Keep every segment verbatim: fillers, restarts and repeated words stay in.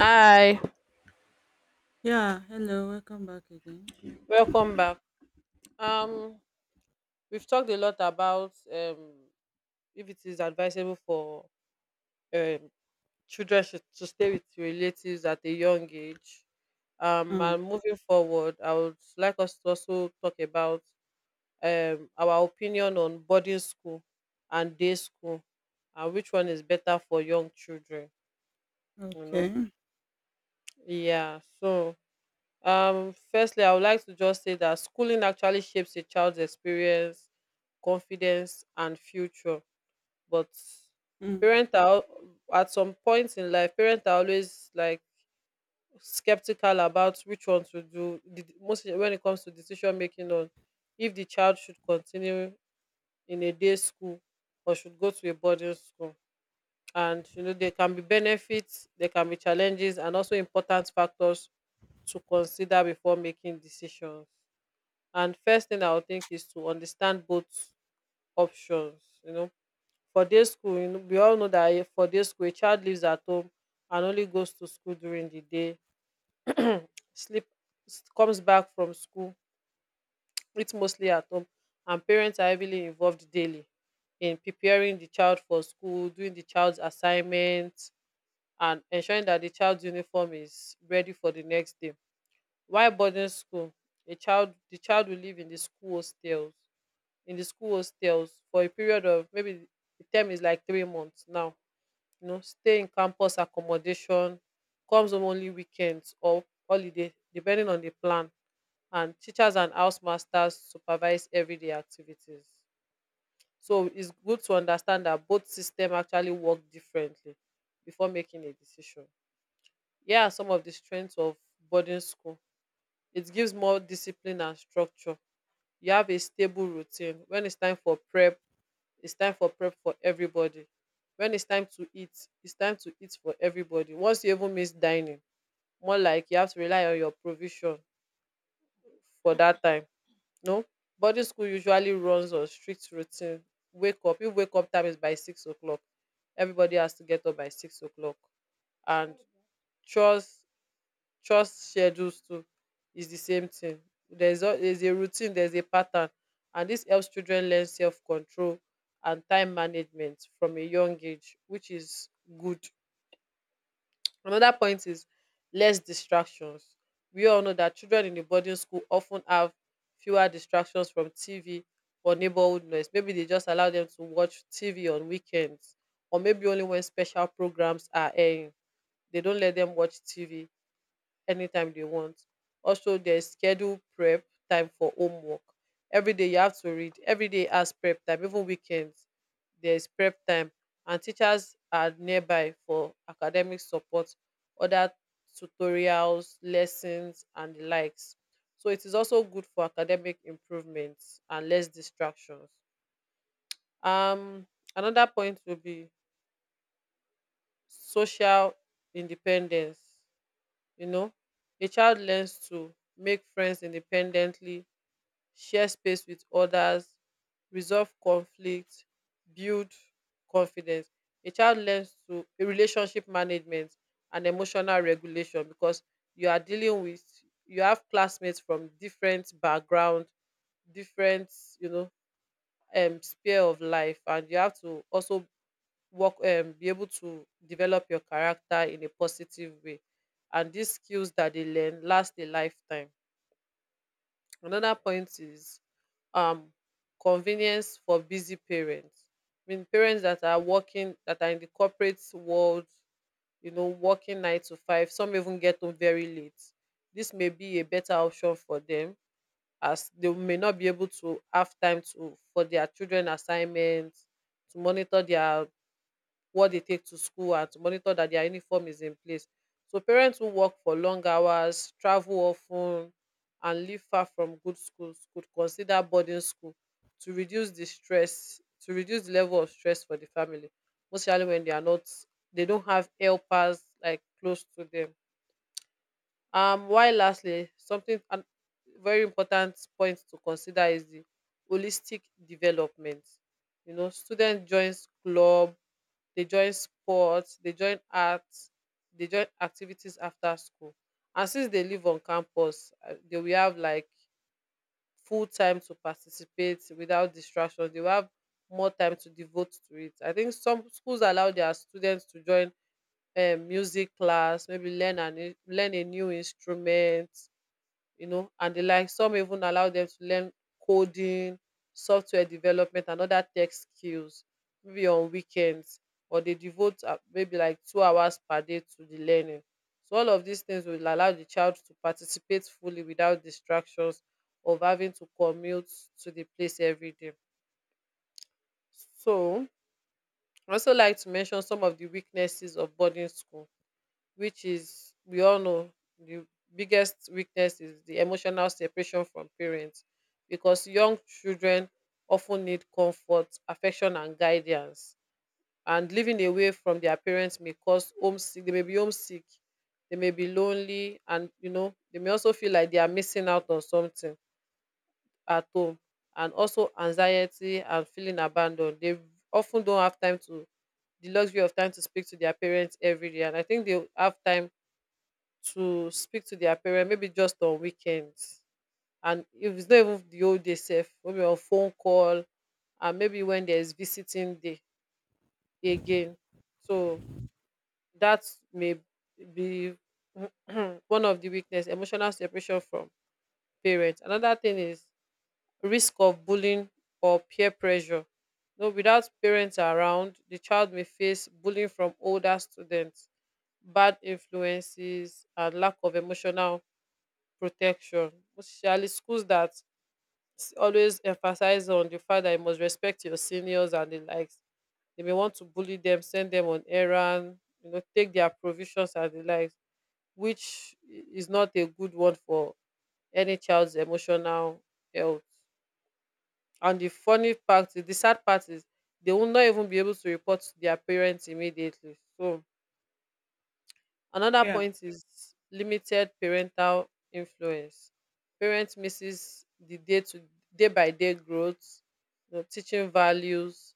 Hi, Yeah, hello, welcome back again. welcome back. Um, we've talked a lot about um if it is advisable for um children should, to stay with relatives at a young age. Um, Mm, And moving forward, I would like us to also talk about um our opinion on boarding school and day school, and which one is better for young children. You know, okay. yeah. So Um, firstly, I would like to just say that schooling actually shapes a child's experience, confidence, and future. But Mm, parents are al- at some point in life, parents are always like skeptical about which one to do. The, most when it comes to decision making on if the child should continue in a day school or should go to a boarding school. And you know there can be benefits, there can be challenges, and also important factors to consider before making decisions. And first thing I would think is to understand both options. You know, for day school, you know, we all know that eh, for day school a child lives at home and only goes to school during the day, sleep s- comes back from school, eats mostly at home, and parents are heavily involved daily in preparing the child for school, doing the child's assignments, and ensuring that the child's uniform is ready for the next day. While boarding school, a child the child will live in the school hostels, in the school hostels for a period of maybe, the term is like three months now. You know, stay in campus accommodation, comes home only weekends or holiday, depending on the plan. And teachers and house masters supervise everyday activities. So it's good to understand that both systems actually work differently before making a decision. Here are some of the strengths of boarding school. It gives more discipline and structure. You have a stable routine. When it's time for prep, it's time for prep for everybody. When it's time to eat, it's time to eat for everybody. Once you even miss dining, more like you have to rely on your provision for that time. No? Boarding school usually runs on strict routine. Wake up. If wake up time is by six o'clock, everybody has to get up by six o'clock. And chores, trust schedules too, is the same thing. There's a, there's a routine, there's a pattern, and this helps children learn self control and time management from a young age, which is good. Another point is less distractions. We all know that children in the boarding school often have fewer distractions from T V or neighborhood noise. Maybe they just allow them to watch T V on weekends, or maybe only when special programs are airing. They don't let them watch T V anytime they want. Also, there's schedule prep time for homework. Every day you have to read. Every day has prep time. Even weekends, there's prep time. And teachers are nearby for academic support, other tutorials, lessons, and the likes. So it is also good for academic improvements and less distractions. Um, Another point will be social independence. You know, a child learns to make friends independently, share space with others, resolve conflict, build confidence. A child learns to a relationship management and emotional regulation because you are dealing with you have classmates from different background, different, you know, um sphere of life, and you have to also work um be able to develop your character in a positive way, and these skills that they learn last a lifetime. Another point is um convenience for busy parents. I mean parents that are working, that are in the corporate world, you know, working nine to five, some even get home very late. This may be a better option for them, as they may not be able to have time to for their children assignments, to monitor their what they take to school, and to monitor that their uniform is in place. So parents who work for long hours, travel often, and live far from good schools could consider boarding school to reduce the stress, to reduce the level of stress for the family, mostly when they are not they don't have helpers like close to them. Um while lastly, something an very important point to consider is the holistic development. You know, student joins club, they join sports, they join arts, they join activities after school, and since they live on campus, uh, they will have like full time to participate without distraction. They will have more time to devote to it. I think some schools allow their students to join um, music class, maybe learn an in- learn a new instrument, you know, and the like. Some even allow them to learn coding, software development, and other tech skills, maybe on weekends, or they devote uh, maybe like two hours per day to the learning. So, all of these things will allow the child to participate fully without distractions of having to commute to the place every day. So, I also like to mention some of the weaknesses of boarding school, which is, we all know, the biggest weakness is the emotional separation from parents because young children often need comfort, affection, and guidance, and living away from their parents may cause homesick. They may be homesick, they may be lonely, and you know they may also feel like they are missing out on something at home. And also anxiety and feeling abandoned. They often do don't have time to, the luxury of time to speak to their parents every day. And I think they have time to speak to their parent maybe just on weekends, and if it's not even the whole day sef, maybe on phone call, and maybe when there is visiting day again. So that may be one of the weakness, emotional separation from parents. Another thing is risk of bullying or peer pressure. No, without parents around, the child may face bullying from older students, bad influences, and lack of emotional protection, especially schools that s- always emphasize on the fact that you must respect your seniors and the likes. They may want to bully them, send them on errand, you know, take their provisions and the likes, which i- is not a good one for any child's emotional health. And the funny part, is- the sad part is they will not even be able to report to their parents immediately. So another yeah. point is limited parental influence. Parents misses the day to day by day growth, you know, teaching values,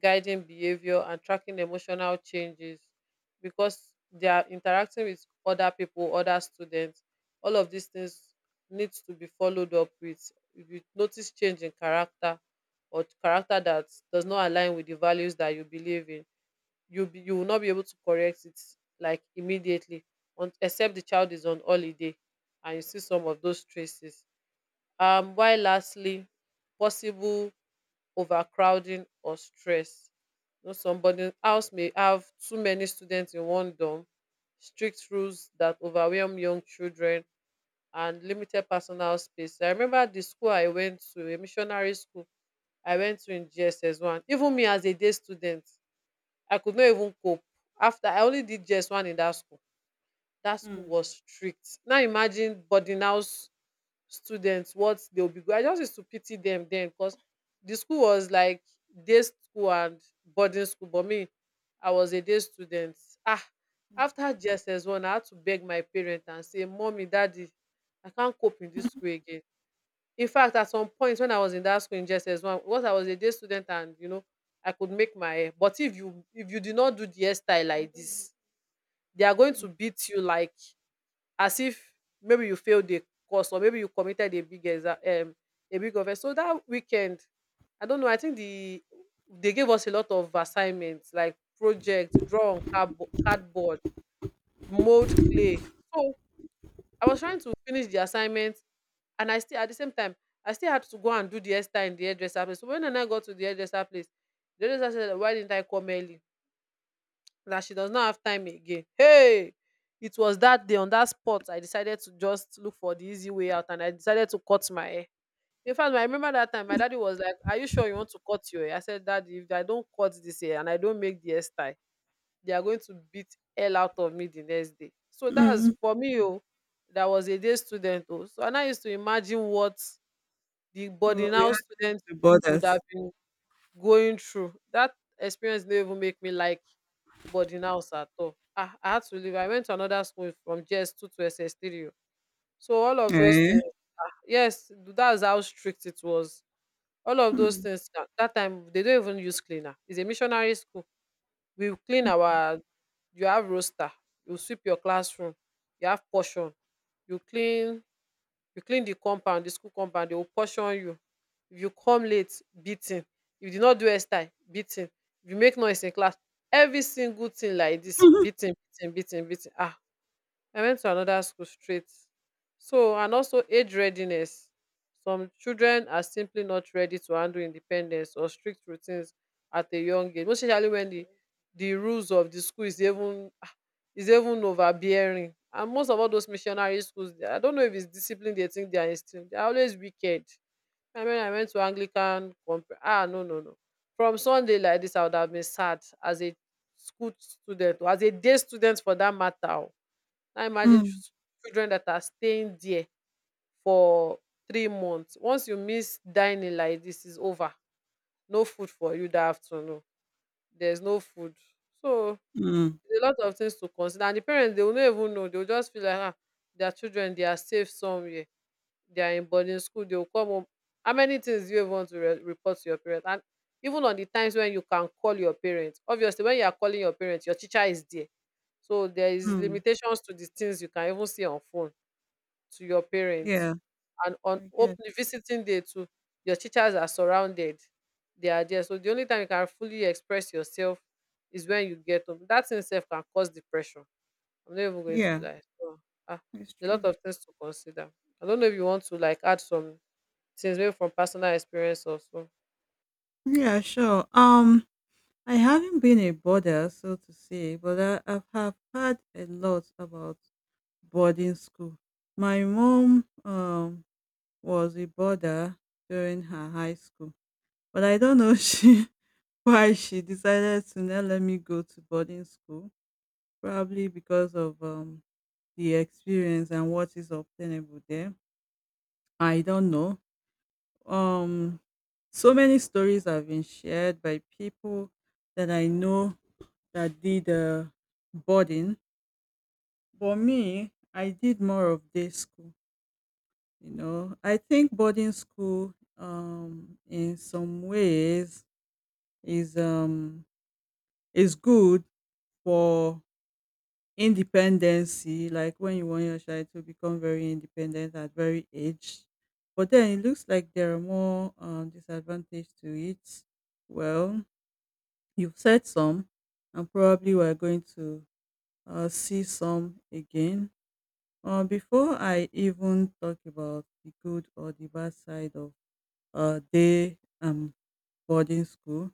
guiding behavior, and tracking emotional changes because they are interacting with other people, other students. All of these things needs to be followed up with. If you notice change in character, or character that does not align with the values that you believe in, you be you will not be able to correct it like immediately, un except the child is on holiday and you see some of those traces. Um while lastly, possible overcrowding or stress. You know somebody house may have too many students in one dorm, strict rules that overwhelm young children, and limited personal space. I remember the school I went to, a missionary school I went to in G S S one. Even me as a day student, I could not even cope. After, I only did just one in that school. That school Mm, was strict. Now imagine boarding house students, what they'll be going. I just used to pity them then because the school was like day school and boarding school. But me, I was a day student. Ah, mm. after J S S one, I had to beg my parents and say, Mommy, Daddy, I can't cope in this school again. In fact, at some point when I was in that school in J S S one, because I was a day student and you know, I could make my hair. But if you if you did not do the hairstyle like this, they are going to beat you like as if maybe you failed the course or maybe you committed a big exa- um a big offense. So that weekend, I don't know. I think the they gave us a lot of assignments like projects, draw on cardbo- cardboard, mold clay. So I was trying to finish the assignment, and I still at the same time I still had to go and do the hairstyle in the hairdresser place. So when Nana got to the hairdresser place, the hairdresser said, "Why didn't I come early? That she does not have time again." Hey, it was that day on that spot I decided to just look for the easy way out, and I decided to cut my hair. In fact, I remember that time my daddy was like, "Are you sure you want to cut your hair?" I said, "Daddy, if I don't cut this hair and I don't make the hairstyle, they are going to beat hell out of me the next day." So that's Mm, for me, oh, that was a day student, oh. So and I now used to imagine what the well, burden we now had students the would have borders. been going through. That experience didn't even make me like boarding house at all. I, I had to leave. I went to another school from G S two to S S three. O. So all of those Eh? things, yes, that's how strict it was. All of those Mm. things that, that time they don't even use cleaner. It's a missionary school. We clean our you have roster, you sweep your classroom, you have portion, you clean you clean the compound, the school compound, they will portion you. If you come late, beating. If you did not do hairstyle, beating. If you make noise in class, every single thing like this, beating, beating, beating, beating. Ah, I went to another school straight. So, and also age readiness. Some children are simply not ready to handle independence or strict routines at a young age, most especially when the, the rules of the school is even ah, is even overbearing. And most of all those missionary schools, I don't know if it's discipline they think they are instilling. They are always wicked. I mean, I went to Anglican. Comp- ah, no, no, no. From Sunday like this, I would have been sad as a school student or as a day student for that matter. Now imagine Mm, ch- children that are staying there for three months. Once you miss dining like this, is over. No food for you that afternoon. There's no food. So mm, there's a lot of things to consider. And the parents they will not even know. They'll just feel like ah, their children they are safe somewhere. They are in boarding school. They'll come home. How many things do you even want to re- report to your parents? And even on the times when you can call your parents, obviously when you are calling your parents, your teacher is there. So there is mm. limitations to the things you can even see on phone to your parents. Yeah, And on I guess. opening visiting day too, your teachers are surrounded, they are there, so the only time you can fully express yourself is when you get home. That in itself can cause depression, I'm not even going to Yeah, lie. So, ah, it's a lot true. of things to consider. I don't know if you want to like add some things maybe from personal experience also. Yeah, sure. Um, I haven't been a boarder, so to say, but I, I have heard a lot about boarding school. My mom um was a boarder during her high school, but I don't know she. Why she decided to not let me go to boarding school, probably because of, um, the experience and what is obtainable there. I don't know. Um, so many stories have been shared by people that I know that did, uh, boarding, but me, I did more of day school, you know. I think boarding school, um, in some ways is, um, is good for Independency, like when you want your child to become very independent at very age. But then it looks like there are more um, disadvantage to it. Well, you've said some, and probably we're going to uh, see some again. Uh, before I even talk about the good or the bad side of uh, day um, boarding school,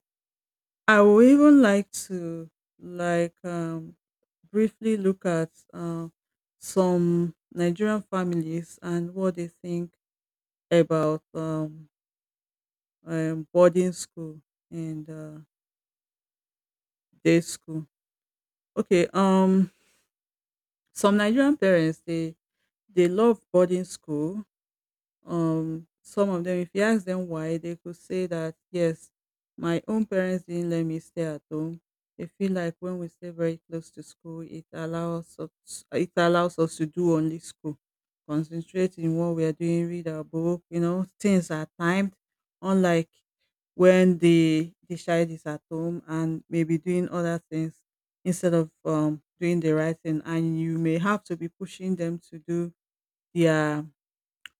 I would even like to like um, briefly look at uh, some Nigerian families and what they think about um, um, boarding school and uh, day school. Okay, um, some Nigerian parents they they love boarding school. Um, some of them, if you ask them why, they could say that, yes, my own parents didn't let me stay at home. They feel like when we stay very close to school, it allows us, it allows us to do only school, concentrate in what we are doing, read our book, you know, things are timed, unlike when the the child is at home and maybe doing other things instead of um, doing the right thing and you may have to be pushing them to do their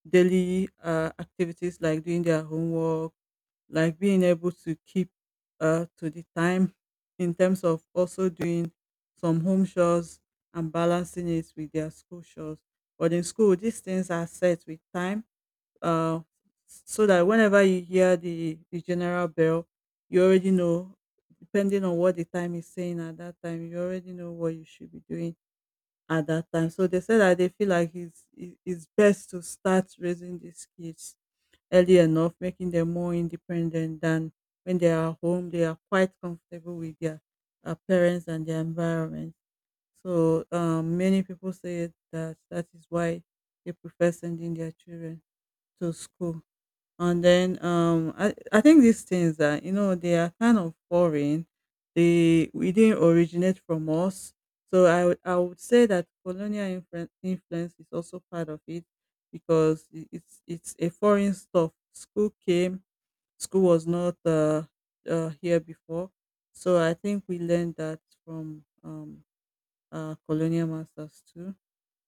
daily uh, activities like doing their homework, like being able to keep uh, to the time in terms of also doing some home chores and balancing it with their school chores. But in school, these things are set with time uh, so that whenever you hear the, the general bell, you already know, depending on what the time is saying at that time, you already know what you should be doing at that time. So they said that they feel like it's it- it's best to start raising these kids early enough, making them more independent than when they are home. They are quite comfortable with their uh, parents and their environment. So um, many people say that that is why they prefer sending their children to school, and then um I, I think these things that you know they are kind of foreign they we didn't originate from us, so i would i would say that colonial influence, influence is also part of it because i- it's it's a foreign stuff. School came school was not uh, uh here before, so I think we learned that from um uh colonial masters too.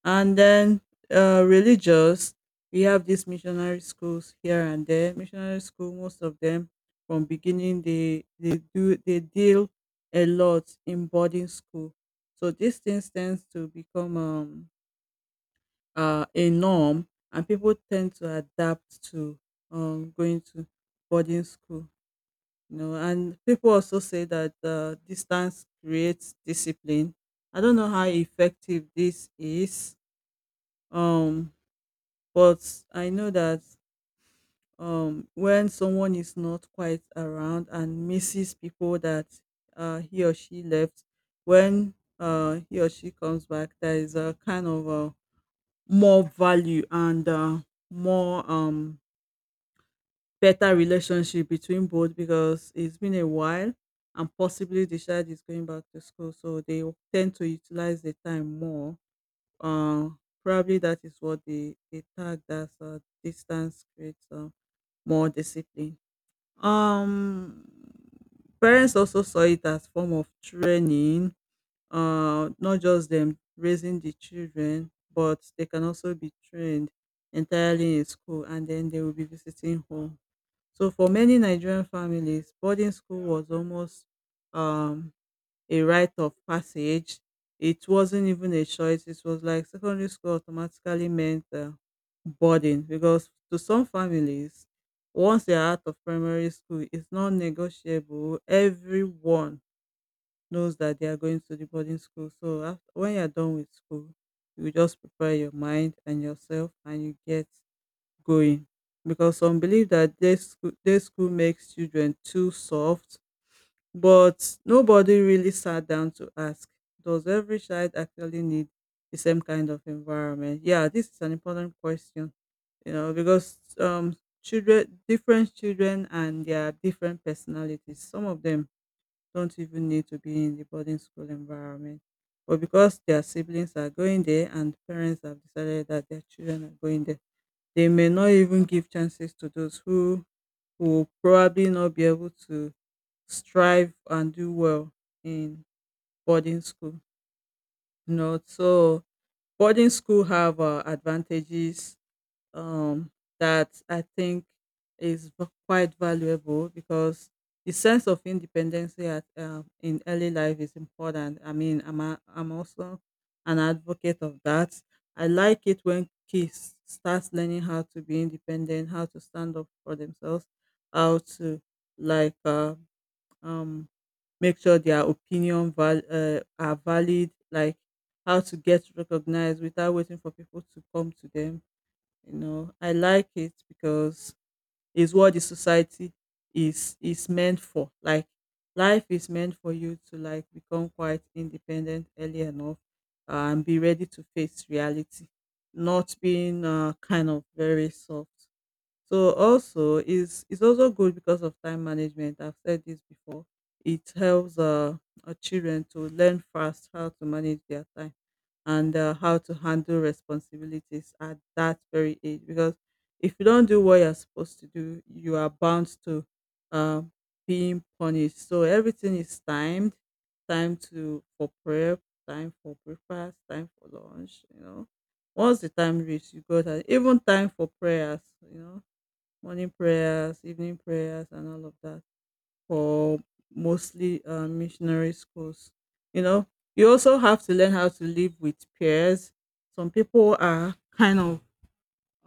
And then uh, religious, we have these missionary schools here and there. Missionary school, most of them from beginning they they do they deal a lot in boarding school. So these things tends to become um uh, a norm, and people tend to adapt to um going to boarding school. You know, and people also say that uh, distance creates discipline. I don't know how effective this is. Um, but I know that um, when someone is not quite around and misses people that uh, he or she left, when uh, he or she comes back, there is a kind of a more value and uh, more um, better relationship between both because it's been a while and possibly the child is going back to school, so they tend to utilize the time more. Uh, Probably that is what they, they tag as uh, distance creates more discipline. Um, Parents also saw it as form of training, uh, not just them raising the children, but they can also be trained entirely in school and then they will be visiting home. So for many Nigerian families, boarding school was almost um a rite of passage. It wasn't even a choice. It was like secondary school automatically meant uh, boarding, because to some families, once they are out of primary school, it's not negotiable. Everyone knows that they are going to the boarding school. So after, when you're done with school, you just prepare your mind and yourself and you get going, because some believe that this school, day school makes children too soft, but nobody really sat down to ask, does every child actually need the same kind of environment? Yeah, this is an important question, you know, because um, children, different children and their different personalities, some of them don't even need to be in the boarding school environment. But because their siblings are going there and parents have decided that their children are going there, they may not even give chances to those who who will probably not be able to strive and do well in boarding school. You know so boarding school have uh, advantages um, that I think is v- quite valuable because the sense of independence at, um in early life is important. I mean, I'm, a, I'm also an advocate of that. I like it when kids start learning how to be independent, how to stand up for themselves, how to like uh, um, make sure their opinion val- uh, are valid, like how to get recognized without waiting for people to come to them. you know I like it because it's what the society is is meant for, like life is meant for you to like become quite independent early enough, uh, and be ready to face reality, not being uh, kind of very soft. So also is it's also good because of time management. I've said this before. It helps uh, our children to learn fast how to manage their time and uh, how to handle responsibilities at that very age. Because if you don't do what you're supposed to do, you are bound to uh, being punished. So everything is timed. Time to for prep, time for breakfast, time for lunch. You know, once the time reaches, you go that even time for prayers. You know, morning prayers, evening prayers, and all of that for mostly uh, missionary schools. You know, you also have to learn how to live with peers. Some people are kind of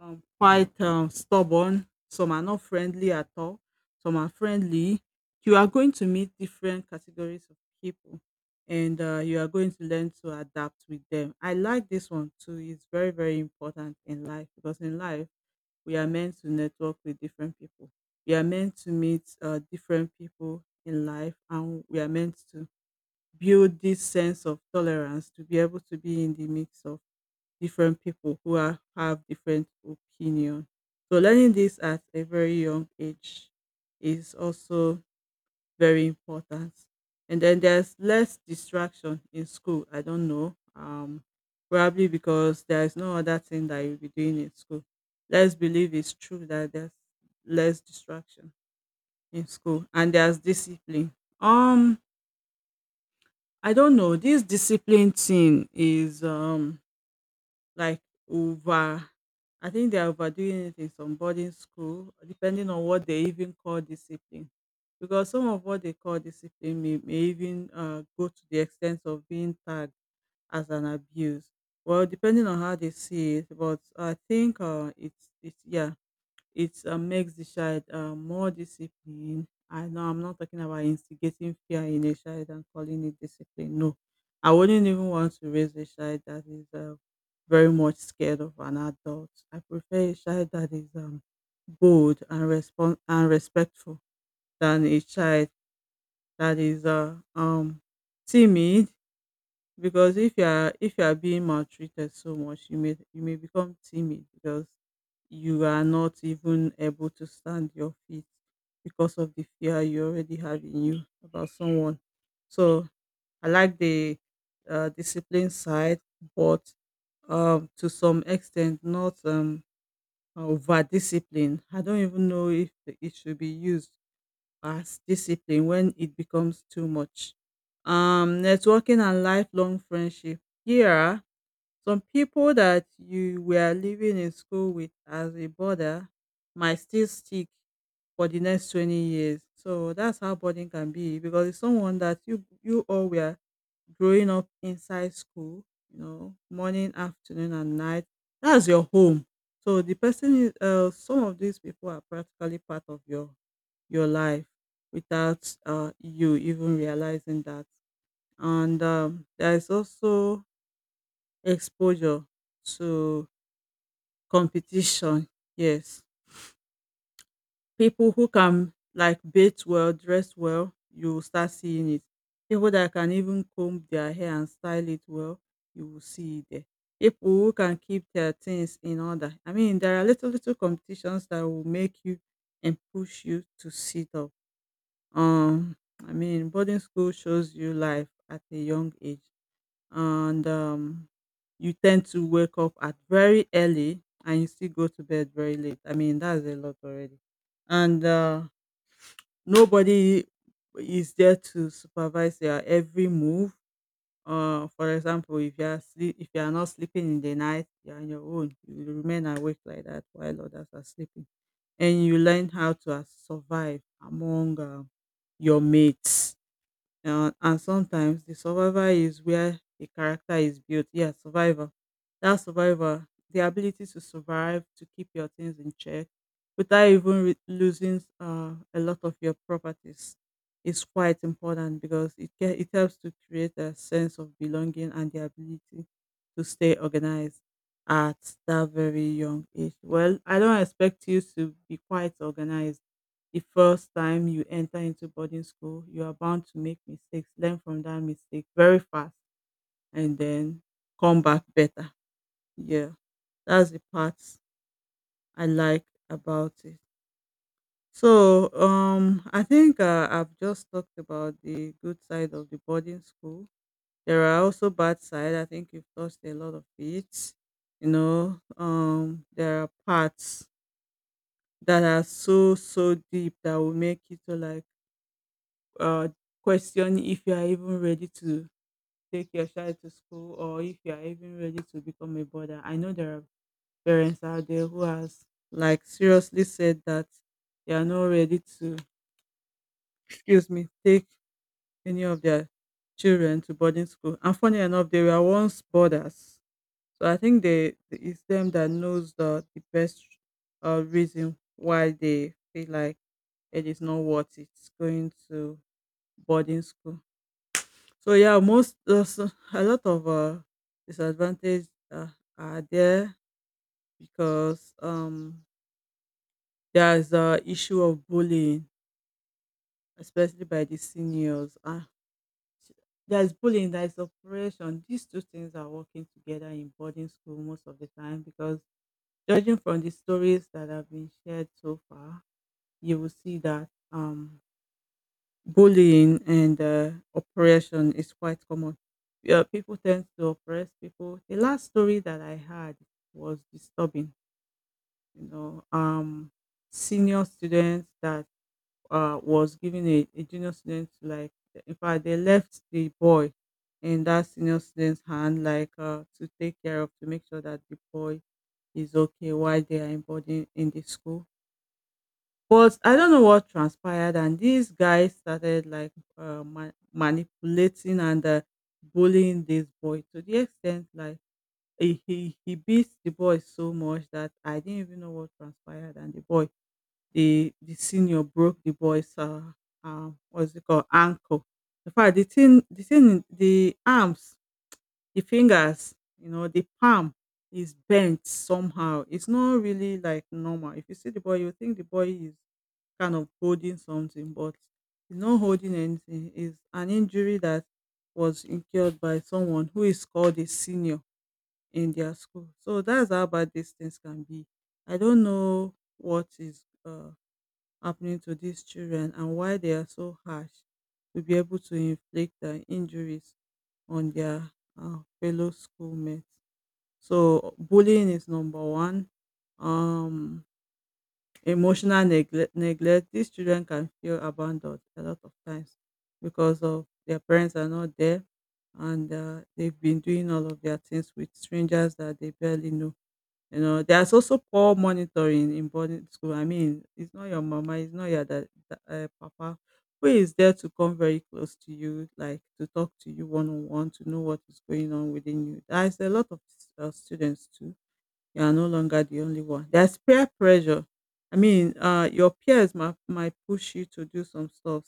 um, quite um, stubborn, some are not friendly at all, some are friendly. You are going to meet different categories of people, and uh, you are going to learn to adapt with them. I like this one too, it's very, very important in life because in life, we are meant to network with different people, we are meant to meet uh, different people in life, and we are meant to build this sense of tolerance to be able to be in the mix of different people who are, have different opinion, so learning this at a very young age is also very important. And then there's less distraction in school. I don't know. Um, probably because there's no other thing that you'll be doing in school. Let's believe it's true that there's less distraction in school and there's discipline. Um, I don't know. This discipline thing is um like over I think they're overdoing it in some boarding school, depending on what they even call discipline. Because some of what they call discipline may, may even uh, go to the extent of being tagged as an abuse. Well, depending on how they see it, but I think, uh, it's it's yeah, it uh, makes the child uh, more disciplined. I know I'm not talking about instigating fear in a child and calling it discipline. No, I wouldn't even want to raise a child that is uh, very much scared of an adult. I prefer a child that is um, bold and respon- and respectful than a child that is uh, um timid, because if you are if you are being maltreated so much, you may you may become timid because you are not even able to stand your feet because of the fear you already have in you about someone. So I like the uh, discipline side, but um, to some extent, not um, over discipline. I don't even know if it should be used as discipline when it becomes too much. Um, networking and lifelong friendship. Here, some people that you were living in school with as a border might still stick for the next twenty years. So that's how bonding can be because it's someone that you you all were growing up inside school, you know, morning, afternoon, and night. That's your home. So the person is uh, some of these people are practically part of your your life without uh, you even realizing that. And um, There is also exposure to competition. Yes, people who can like bait well, dress well, you will start seeing it. People that can even comb their hair and style it well, you will see it there. People who can keep their things in order. I mean, there are little little competitions that will make you and push you to sit up. Um, I mean, boarding school shows you life at a young age, and um, you tend to wake up at very early and you still go to bed very late. I mean, that's a lot already. And uh, Nobody is there to supervise your every move. Uh, for example, if you are sleep, if you are not sleeping in the night, you are on your own. You will remain awake like that while others are sleeping, and you learn how to uh, survive among uh, your mates uh, and sometimes the survivor is where the character is built. Yeah, survivor. That survivor, the ability to survive, to keep your things in check without even re- losing uh, a lot of your properties is quite important because it, ge- it helps to create a sense of belonging and the ability to stay organized at that very young age. Well, I don't expect you to be quite organized the first time you enter into boarding school, you are bound to make mistakes. Learn from that mistake very fast and then come back better. Yeah, that's the part I like about it. So, um, I think uh, I've just talked about the good side of the boarding school. There are also bad side. I think you've touched a lot of it. You know, um, there are parts that are so so deep that will make you to like uh, question if you are even ready to take your child to school or if you are even ready to become a mother. I know there are parents out there who has like seriously said that they are not ready to, excuse me, take any of their children to boarding school. And funny enough, they were once boarders. So I think they it's them that knows the, the best uh, reason why they feel like it is not worth it going to boarding school. So yeah, most there's a a lot of uh, disadvantage uh, are there because um there's a issue of bullying, especially by the seniors. Uh, there's bullying, there's oppression. These two things are working together in boarding school most of the time because judging from the stories that have been shared so far, you will see that um bullying and uh, oppression is quite common. Yeah, people tend to oppress people. The last story that I had was disturbing. You know, um, senior students that uh, was giving a, a junior student like, in fact, they left the boy in that senior student's hand, like uh, to take care of, to make sure that the boy is okay while they are in boarding in the school, but I don't know what transpired and these guys started like, uh, ma manipulating and, uh, bullying this boy to the extent like he he he beats the boy so much that I didn't even know what transpired and the boy the the senior broke the boy's, uh, um, what's it called, ankle. In fact, the thing the thing the arms, the fingers, you know, the palm is bent somehow. It's not really like normal. If you see the boy, you think the boy is kind of holding something, but he's not holding anything. It's an injury that was incurred by someone who is called a senior in their school. So that's how bad these things can be. I don't know what is uh, happening to these children and why they are so harsh to be able to inflict uh, injuries on their uh, fellow schoolmates. So bullying is number one. Um, Emotional neglect neglect these children can feel abandoned a lot of times because of their parents are not there and uh, they've been doing all of their things with strangers that they barely know. You know, there's also poor monitoring in boarding school. I mean, it's not your mama, it's not your dad, uh, papa who is there to come very close to you like to talk to you one on one to know what is going on within you. There's a lot of uh, students too, you are no longer the only one. There's peer pressure. I mean, uh, your peers might, might push you to do some stuff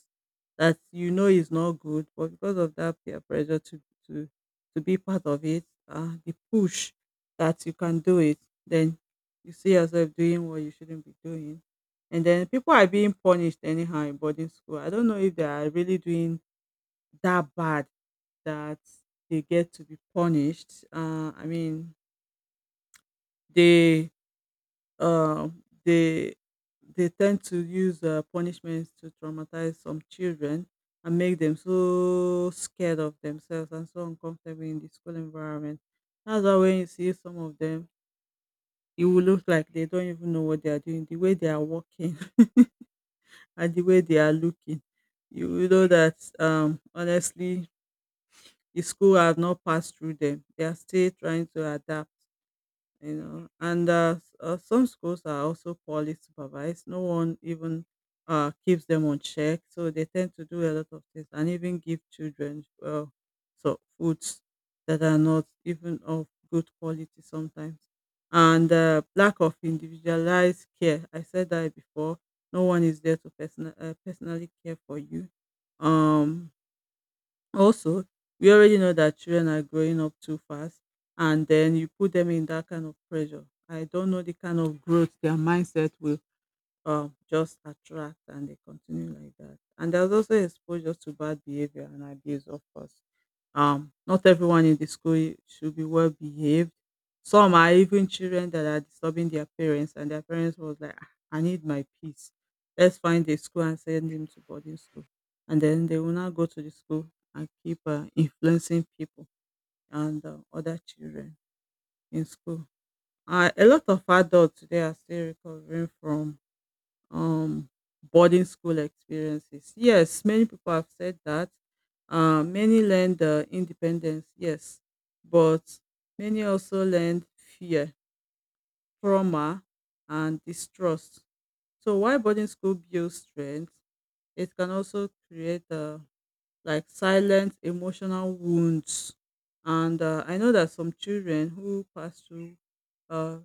that you know is not good, but because of that peer pressure to to to be part of it, uh, the push that you can do it, then you see yourself doing what you shouldn't be doing. And then people are being punished anyhow in boarding school. I don't know if they are really doing that bad that they get to be punished. Uh, I mean, they um, they they tend to use uh, punishments to traumatize some children and make them so scared of themselves and so uncomfortable in the school environment. That's why when you see some of them, it will look like they don't even know what they are doing. The way they are walking and the way they are looking, you will know that um, honestly, the school has not passed through them. They are still trying to adapt. You know, and uh, s- uh, some schools are also poorly supervised, no one even uh, keeps them on check, so they tend to do a lot of things and even give children uh, so foods that are not even of good quality sometimes, and uh, lack of individualized care. I said that before, no one is there to person- uh, personally care for you. um Also, we already know that children are growing up too fast, and then you put them in that kind of pressure. I don't know the kind of growth their mindset will um, just attract and they continue like that. And there's also exposure to bad behavior and abuse, of course. Um, not everyone in the school should be well behaved. Some are even children that are disturbing their parents, and their parents was like, "Ah, I need my peace. Let's find a school and send him to boarding school." And then they will not go to the school and keep uh, influencing people and uh, other children in school. Uh, a lot of adults today are still recovering from um, boarding school experiences. Yes, many people have said that. Uh, many learned uh, independence, yes, but many also learned fear, trauma, and distrust. So while boarding school builds strength, it can also create uh, like silent emotional wounds. And uh, I know that some children who pass through uh,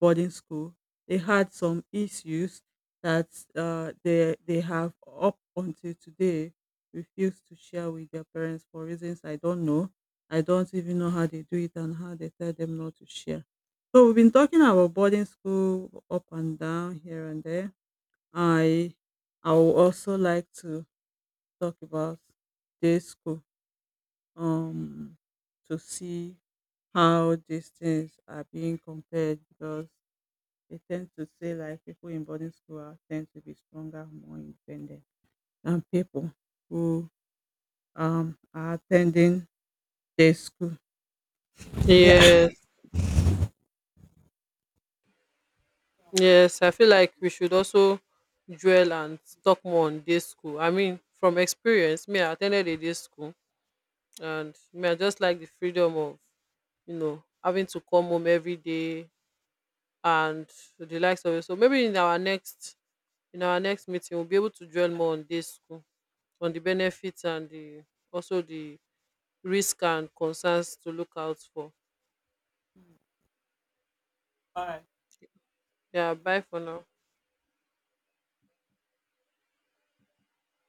boarding school, they had some issues that uh, they they have up until today refused to share with their parents for reasons I don't know. I don't even know how they do it and how they tell them not to share. So we've been talking about boarding school up and down here and there. I I would also like to talk about day school um to see how these things are being compared because they tend to say like people in boarding school are tend to be stronger, more independent than people who um are attending day school. Yeah. Yes, yes. I feel like we should also dwell and talk more on day school. I mean, from experience, me, I attended a day school. And me, I just like the freedom of, you know, having to come home every day, and the likes of it. So maybe in our next, in our next meeting, we'll be able to dwell more on this school, on the benefits and the also the risk and concerns to look out for. All right. Yeah, bye for now.